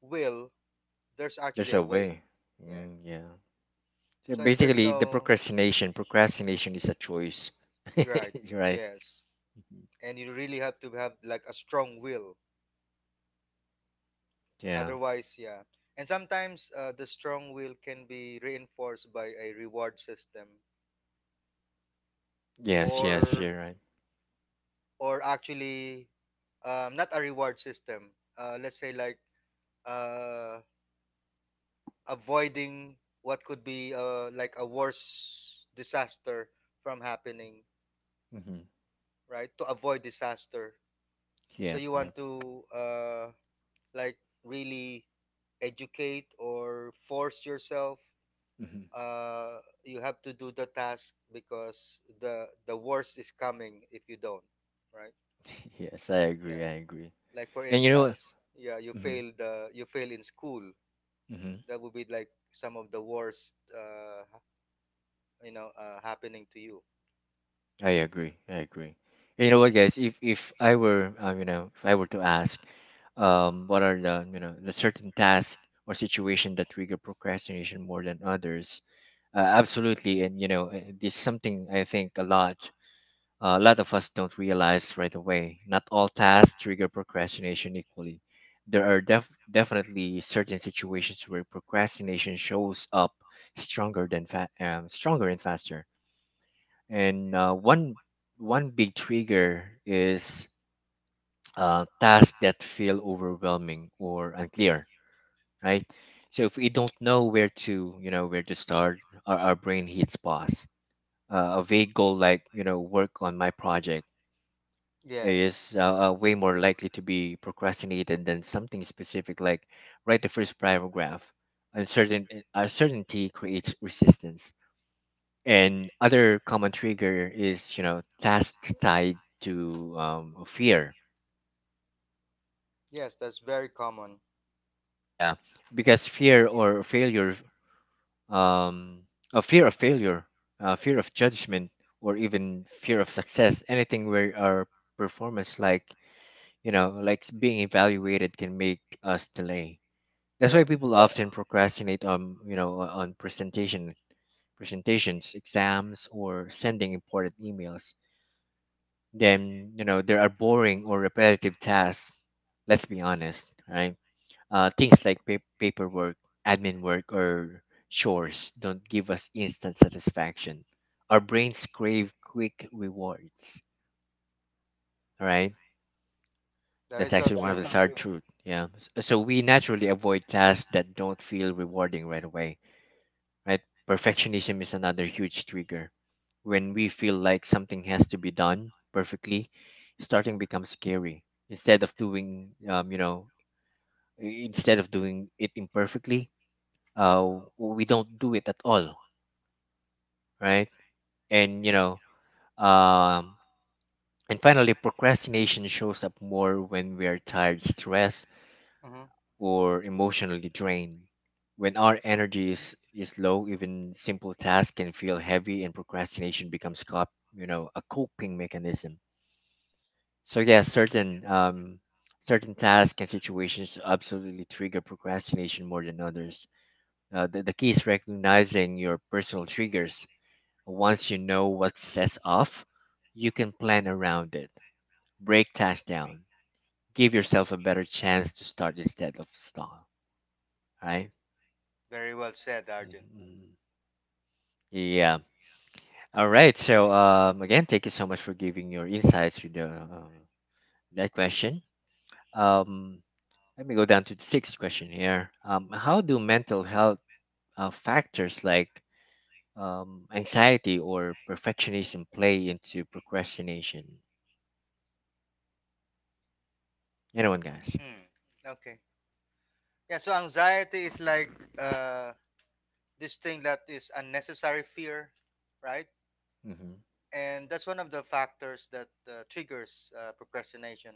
will, there's
there's
actually
a
a way.
way.
Yeah.
Mm, yeah. So
So if there's
basically, the
no,
procrastination. Procrastination is a choice.
right,
You're right.
yes,
Mhm.
and you really have to have like a strong will.
Yeah.
Otherwise, yeah. And sometimes uh, the strong will can be reinforced by a reward system,
Yes. Yes.
or
You're right.
or actually, um, not a reward system. Uh, let's say like uh, avoiding what could be uh, like a worse disaster from happening,
Mm-hmm.
right? To avoid disaster. So
Yep.
you
Yep.
want to uh, like really educate or force yourself.
Hmm.
Uh, you have to do the task because the the worst is coming if you don't, right?
Yes, I agree.
Yeah.
I agree.
Like for
And you know.
instance, yeah, you
Mm-hmm.
failed. Uh, you fail in school.
Hmm. Hmm.
That would be like some of the worst uh, you know uh, happening to you.
I agree. I agree. And you know what, guys? If if I were, um, you know, if I were to ask, um, what are the, you know, the certain tasks or situation that trigger procrastination more than others? Uh, absolutely. And you know, uh, this is something I think a lot. Uh, a lot of us don't realize right away. Not all tasks trigger procrastination equally. There are def- definitely certain situations where procrastination shows up stronger than fa- um, stronger and faster. And uh, one one big trigger is uh, tasks that feel overwhelming or unclear, right? So if we don't know where to, you know, where to start, our, our brain hits pause. Uh, a vague goal like, you know, work on my project
Yeah.
is uh, uh, way more likely to be procrastinated than something specific like write the first paragraph. Uncertain, eh, uncertainty creates resistance. And other common trigger is, you know, task tied to um, fear.
Yes, that's very common.
Yeah, because fear or failure, um, a fear of failure, uh, fear of judgment, or even fear of success, anything where our performance, like, you know, like being evaluated can make us delay. That's why
Yeah,
people often procrastinate on you know on on presentation presentations, exams, or sending important emails. Then you know there are boring or repetitive tasks. Let's be honest, right? Uh, things like pa- paperwork, admin work, or chores don't give us instant satisfaction. Our brains crave quick rewards. All right, that's
that
Yeah,
is
actually
so
I
one of the
agree.
true.
sad truth. Yeah, S- so we naturally avoid tasks that don't feel rewarding right away, right? Perfectionism is another huge trigger. When we feel like something has to be done perfectly, starting becomes scary. Instead of doing, um, you know, i- instead of doing it imperfectly, uh, we don't do it at all, right? And you know, um, and finally, procrastination shows up more when we are tired, stressed,
Hmm.
or emotionally drained. When our energy is, is low, even simple tasks can feel heavy and procrastination becomes cop, you know, a coping mechanism. So yeah, certain um, certain tasks and situations absolutely trigger procrastination more than others. Uh, the, the key is recognizing your personal triggers. Once you know what sets off, you can plan around it. Break tasks down. Give yourself a better chance to start instead of stall. Right?
Very well said, Arjun.
Mhm. Yeah. All right. So um, again, thank you so much for giving your insights with the uh, that question. Um, let me go down to the sixth question here. Um, how do mental health uh, factors like um, anxiety or perfectionism play into procrastination? Anyone, guys?
Hmm. Okay, yeah, so anxiety is like uh, this thing that is unnecessary fear, right?
Mm-hmm.
And that's one of the factors that uh, triggers uh, procrastination.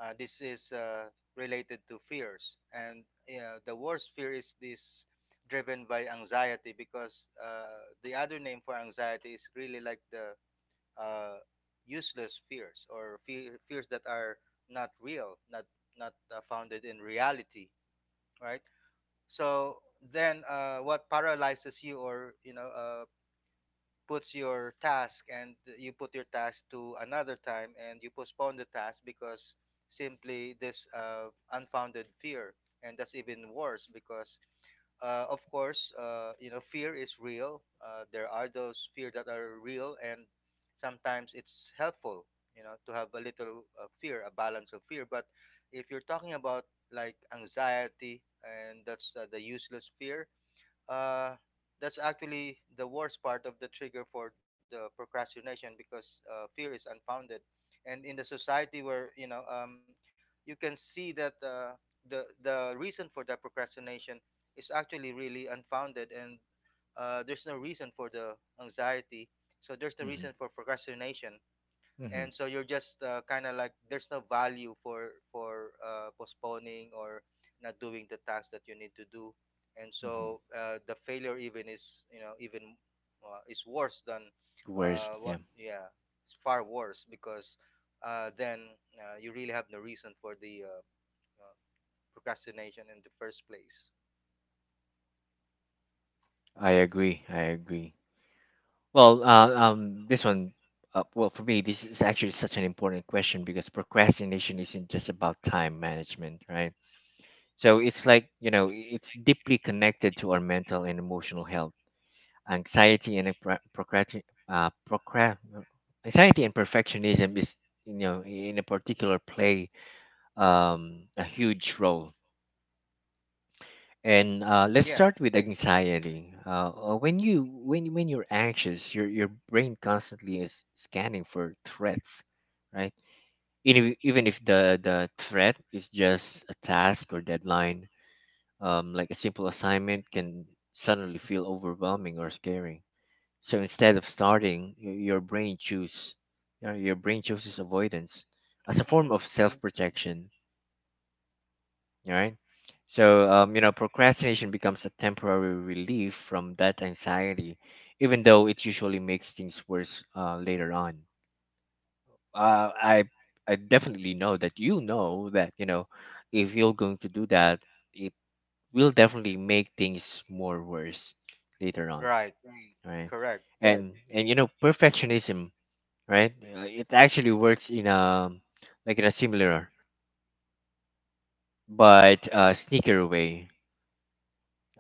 uh, This is uh, related to fears, and yeah, the worst fear is this, driven by anxiety, because uh, the other name for anxiety is really like the uh, useless fears or fe- fears that are not real, not not uh, founded in reality, right? So then, uh, what paralyzes you, or you know uh, puts your task, and you put your task to another time and you postpone the task, because simply this uh, unfounded fear. And that's even worse because uh, of course, uh, you know, fear is real. Uh, there are those fear that are real, and sometimes it's helpful, you know, to have a little uh, fear, a balance of fear. But if you're talking about like anxiety, and that's uh, the useless fear, uh, that's actually the worst part of the trigger for the procrastination, because uh, fear is unfounded. And in the society where you know um, you can see that uh, the the reason for that procrastination is actually really unfounded, and uh, there's no reason for the anxiety, so there's no
Mm-hmm.
reason for procrastination.
Mm-hmm.
And so you're just uh, kind of like, there's no value for for uh, postponing or not doing the task that you need to do. And
Mm-hmm.
so uh, the failure even is, you know even uh, is worse than uh,
Worst.
what
Yeah.
yeah, it's far worse, because uh, then uh, you really have no reason for the uh, uh, procrastination in the first place.
I agree. I agree. Well, uh, um, this one, uh, well, for me, this is actually such an important question because procrastination isn't just about time management, right? So it's like, you know, i- it's deeply connected to our mental and emotional health. Anxiety and pro- procrati- uh, procra- Anxiety and perfectionism is, you know, in a particular play um, a huge role. And uh, let's
Yeah.
start with anxiety. Uh, uh, when you when when you're anxious, your your brain constantly is scanning for threats, right? Even if, even if the the threat is just a task or deadline, um, like a simple assignment can suddenly feel overwhelming or scary. So instead of starting, y- your brain choose, your your brain chooses avoidance as a form
Hmm.
of self protection, all right. So, um, you know, procrastination becomes a temporary relief from that anxiety, even though it usually makes things worse uh, later on. Uh, I I definitely know that you know that you know if you're going to do that, it will definitely make things more worse later on,
Right.
right? Right.
Correct.
And and you know, perfectionism, right? Uh, it actually works in a like in a similar but uh, sneaker way.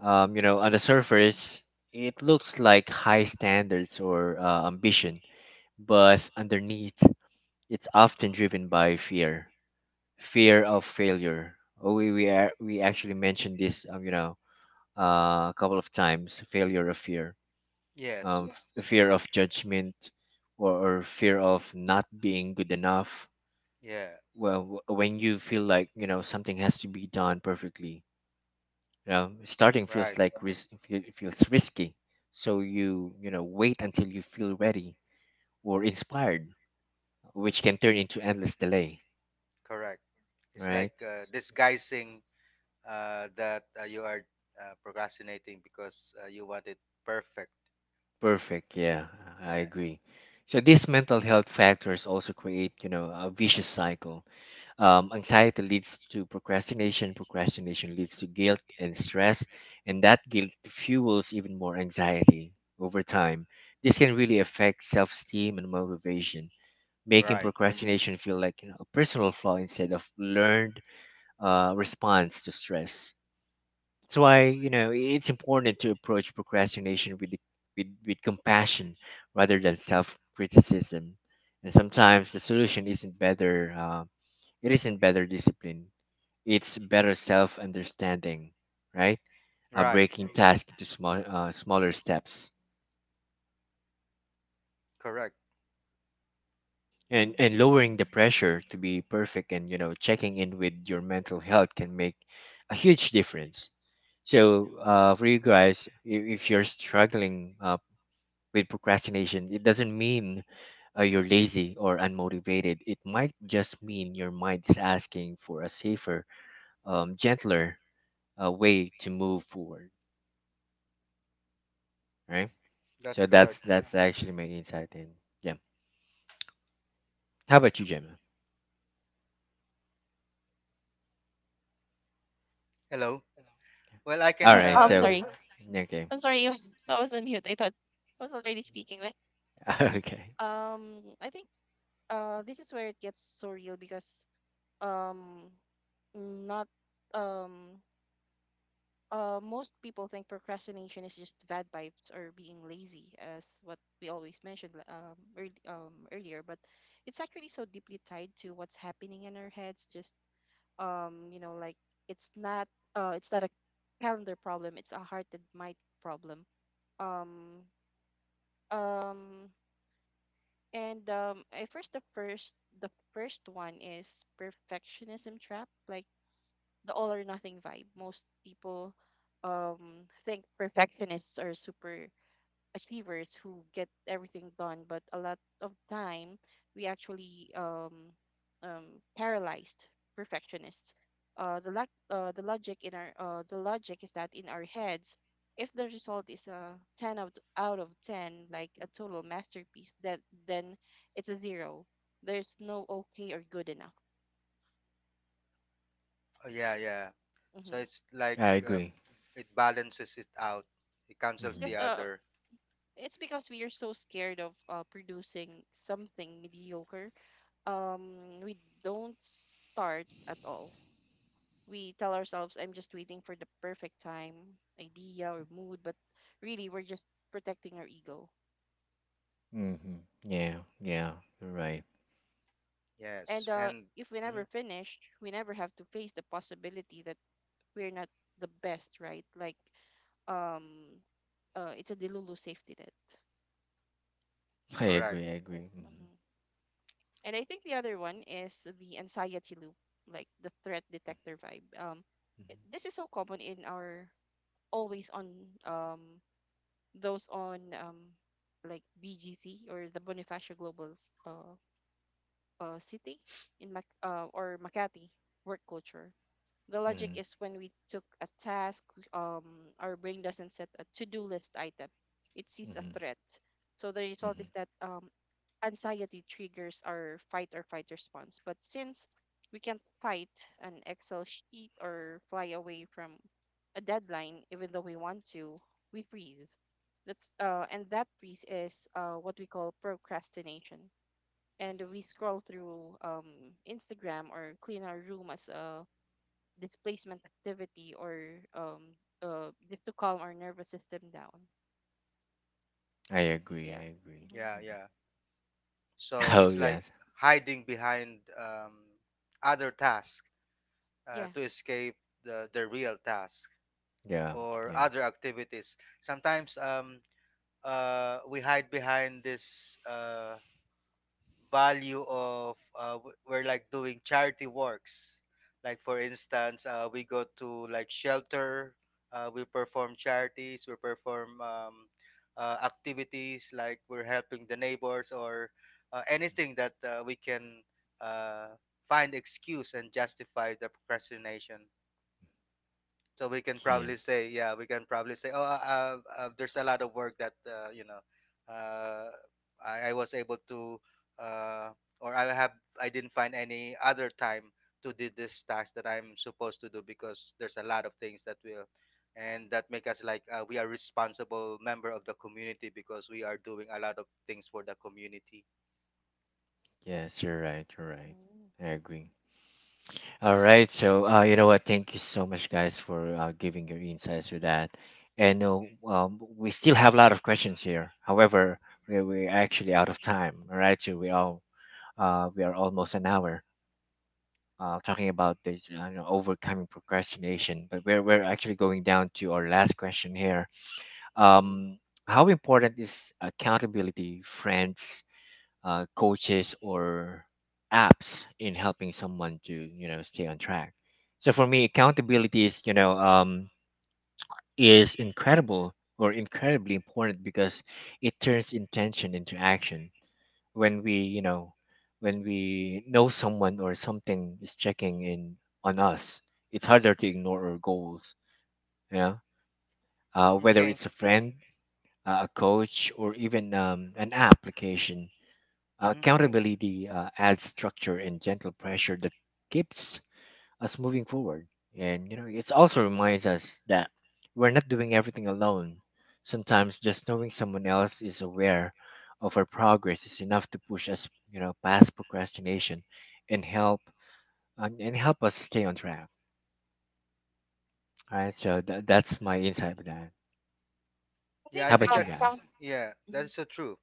Um, you know, on the surface, it looks like high standards or uh, ambition, but underneath, it's often driven by fear, fear of failure. Oh, we we, are, we actually mentioned this, um, you know, uh, a couple of times, failure of fear,
Yes.
um, f- fear of judgment, or, or fear of not being good enough.
Yeah, yeah.
Well, w- when you feel like you know something has to be done perfectly, um, starting feels
Right.
like ris- fe- feels risky, so you you know wait until you feel ready or inspired, which can turn into endless delay.
Correct. It's
Right?
like uh, disguising uh, that uh, you are uh, procrastinating because uh, you want it perfect.
Perfect. Yeah, I
Yeah.
agree. So these mental health factors also create you know a vicious cycle. Um, anxiety leads to procrastination. Procrastination leads to guilt and stress, and that guilt fuels even more anxiety over time. This can really affect self-esteem and motivation, making
Right.
procrastination feel like you know a personal flaw instead of learned uh, response to stress. That's why you know it's important to approach procrastination with the, with, with compassion rather than self criticism. And sometimes the solution isn't better. Uh, it isn't better discipline. It's better self understanding, right? Uh,
Right.
breaking tasks into small uh, smaller steps
Correct.
and and lowering the pressure to be perfect and you know checking in with your mental health can make a huge difference. So uh, for you guys, if, if you're struggling uh, with procrastination, it doesn't mean uh, you're lazy or unmotivated. It might just mean your mind is asking for a safer, um, gentler uh, way to move forward, right?
That's
So that's
correct.
that's actually my insight. And yeah, how about you, Gemma?
Hello. Well, I
All
I,
can.
Oh,
right,
I'm
Uh,
so
sorry.
okay.
I'm sorry. you- I was on mute. I thought I was already speaking. But,
Okay,
um, I think uh, this is where it gets so real because um, not um uh, most people think procrastination is just bad vibes or being lazy, as what we always mentioned l- um, earl um, earlier. But it's actually so deeply tied to what's happening in our heads. Just um, you know, like it's not uh, it's not a calendar problem. It's a heart and mind problem. Um, um, and um, I first the first The first one is perfectionism trap. Like the all or nothing vibe. Most people um think perfectionists are super achievers who get everything done, but a lot of time we actually um um paralyzed perfectionists. Uh, the lack, uh, the logic in our, uh, The logic is that in our heads, if the result is a ten out out of ten, like a total masterpiece, that then it's a zero. There's no okay or good enough.
oh, yeah. Yeah. So
Mm-hmm.
it's like
I
uh,
agree.
it balances it out. It cancels the
Just
Mhm.
uh,
other.
It's because we are so scared of uh, producing something mediocre. Um, we don't start at all. We tell ourselves, I'm just waiting for the perfect time, idea, or mood, but really, we're just protecting our ego.
Mm-hmm. Yeah, yeah, you're right.
And
Yes.
uh,
And
If we never
mhm,
finish, we never have to face the possibility that we're not the best, right? Like, um, uh, it's a delulu safety net.
I
correct.
agree, I agree.
Mm-hmm. And I think the other one is the anxiety loop, like the threat detector vibe. Um, it,
Mm-hmm.
this is so common in our always on um those on um like B G C, or the Bonifacio Global s- uh, uh city in Mac uh, or Makati work culture. The logic
Mm-hmm.
is when we took a task, we- um, our brain doesn't set a to-do list item; it sees a
Mm-hmm.
threat. So the result is
Hmm.
that um, anxiety triggers our fight or flight response. But since we can fight an Excel sheet or fly away from a deadline, even though we want to, we freeze. That's uh, and that freeze is uh, what we call procrastination. And we scroll through um, Instagram or clean our room as a displacement activity, or um, uh, just to calm our nervous system down.
I agree,
Yeah.
I agree.
hmm
Yeah.
Mhm.
Yeah. So
Oh,
it's like
yes.
hiding behind um, other tasks uh,
Yeah.
to escape the the real task
Yeah,
Yeah.
or
yeah,
other activities. Sometimes um uh, we hide behind this uh, value of uh, w- we're like doing charity works. Like for instance, uh, we go to like shelter, uh, we perform charities, we perform um, uh, activities like we're helping the neighbors, or uh, anything that uh, we can uh, find excuse and justify the procrastination. So we can
yeah.
probably say, yeah, we can probably say, oh, uh, uh, uh, there's a lot of work that uh, you know, uh, I, I was able to, uh, or I have, I didn't find any other time to do this task that I'm supposed to do, because there's a lot of things that will, and that make us like uh, we are responsible member of the community because we are doing a lot of things for the community.
Yes, you're right, you're right.
Mm-hmm.
I agree. All right, so uh, you know what? Thank you so much, guys, for uh, giving your insights to that. And uh, um, we still have a lot of questions here. However, we we're actually out of time. All right, so we all uh, we are almost an hour uh, talking about this, you know, overcoming procrastination. But we're we're actually going down to our last question here. Um, how important is accountability, friends, uh, coaches, or apps in helping someone to you know stay on track? So for me, accountability is you know um, is incredible or incredibly important because it turns intention into action. When we you know when we know someone or something is checking in on us, it's harder to ignore our goals, yeah. Uh, whether
Okay.
it's a friend, uh, a coach, or even um, an application, uh,
Hmm.
accountability uh, adds structure and gentle pressure that keeps us moving forward. And you know, it also reminds us that we're not doing everything alone. Sometimes just knowing someone else is aware of our progress is enough to push us, you know, past procrastination and help and, and help us stay on track. All right, so tha that's my insight with that.
I
Yeah,
think
I
How
think
about you
um
guys?
that's,
count.
yeah, that's so true.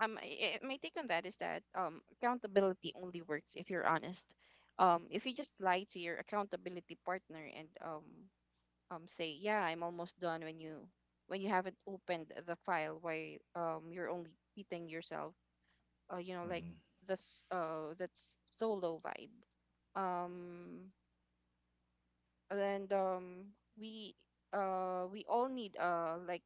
um I, I- My take on that is that um accountability only works if you're honest. Um if you just lie to your accountability partner and um um say yeah, I'm almost done when you when you haven't opened the file, why um you're only beating yourself. uh, you know like
Hmm.
this uh that's solo vibe. Um and um We, uh we all need uh like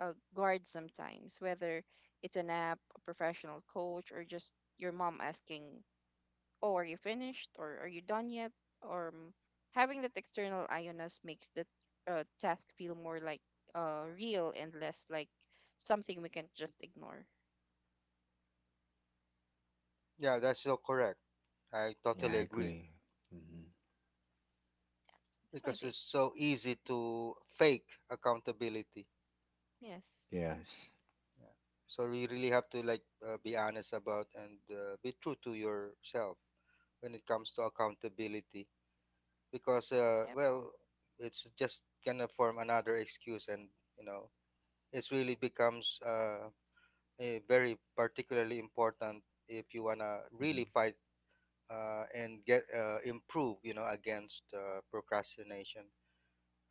uh, guard sometimes, whether it's an app, a professional coach, or just your mom asking, oh, are you finished? Or are you done yet? Or um, Having that external eye on us makes the uh, task feel more like uh, real, and less like something we can just ignore.
Yeah, that's so correct. I
Yeah,
totally
I
hmm
agree.
agree. Hmm.
Yeah, that's my
Because
take.
it's so easy to fake accountability.
Yes.
Yes.
Yeah. So you really have to like uh, be honest about and uh, be true to yourself when it comes to accountability, because uh,
Yep.
well, it's just gonna form another excuse, and you know it's really becomes uh, a very particularly important if you wanna
Hmm.
really fight uh, and get uh, improve, you know, against uh, procrastination.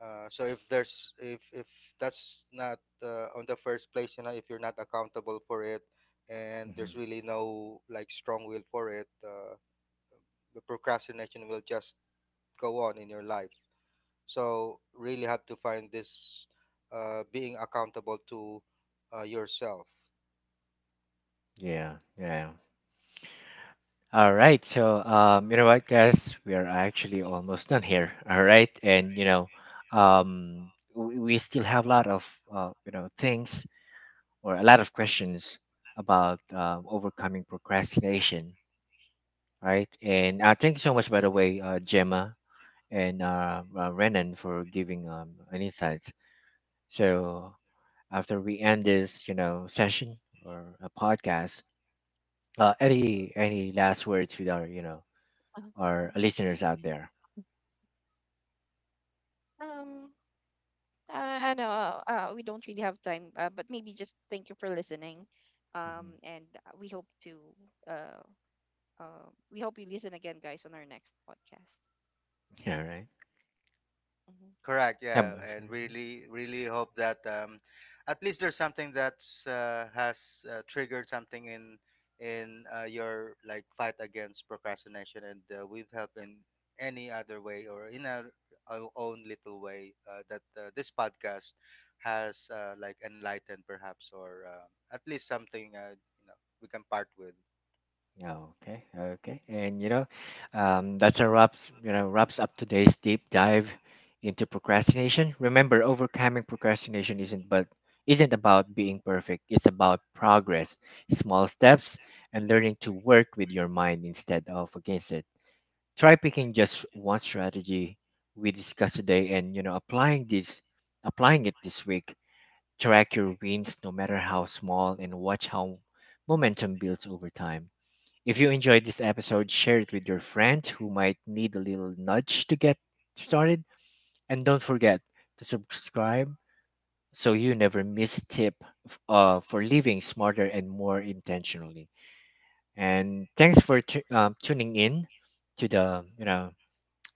Uh, so if there's if if that's not uh, on the first place, you know, if you're not accountable for it, and
Hmm.
there's really no like strong will for it, uh, the procrastination will just go on in your life. So really have to find this uh, being accountable to uh, yourself.
Yeah, yeah. All right. So, um, you know what, guys? We are actually almost done here. All right. And, you know, um, we, we still have a lot of, uh, you know, things or a lot of questions about uh, overcoming procrastination. Right. And uh, thank you so much, by the way, uh, Gemma and uh, uh, Renan for giving um, an insights. So, after we end this, you know, session or a podcast, uh, any any last words with our, you know,
Mhm.
our listeners out there?
Um, uh, I know, uh, uh, we don't really have time, uh, but maybe just thank you for listening.
Mhm.
Um, and uh, we hope to uh, uh, we hope you listen again, guys, on our next podcast.
All right.
Mhm.
Correct.
Yeah,
Yeah,
but sure.
and really, really hope that um, at least there's something that's uh, has uh, triggered something in in uh, your like fight against procrastination, and uh, we've helped in any other way, or in our, our own little way, uh, that uh, this podcast has uh, like enlightened, perhaps, or um at least something uh, you know we can part with.
Yeah, okay, okay. And you know, um, that's a wraps, you know, wraps up today's deep dive into procrastination. Remember, overcoming procrastination isn't but isn't about being perfect. It's about progress, small steps, and learning to work with your mind instead of against it. Try picking just one strategy we discussed today and you know, applying this applying it this week. Track your wins, no matter how small, and watch how momentum builds over time. If you enjoyed this episode, share it with your friend who might need a little nudge to get started. And don't forget to subscribe so you never miss tip, f- uh, for living smarter and more intentionally. And thanks for tu- um, tuning in to the you know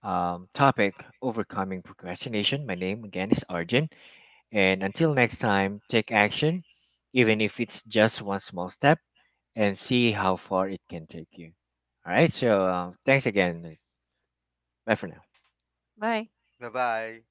um, topic overcoming procrastination. My name again is Arjun. And until next time, take action, even if it's just one small step, and see how far it can take you. All right, so uh, thanks again. Bye for now.
Bye.
Bye bye.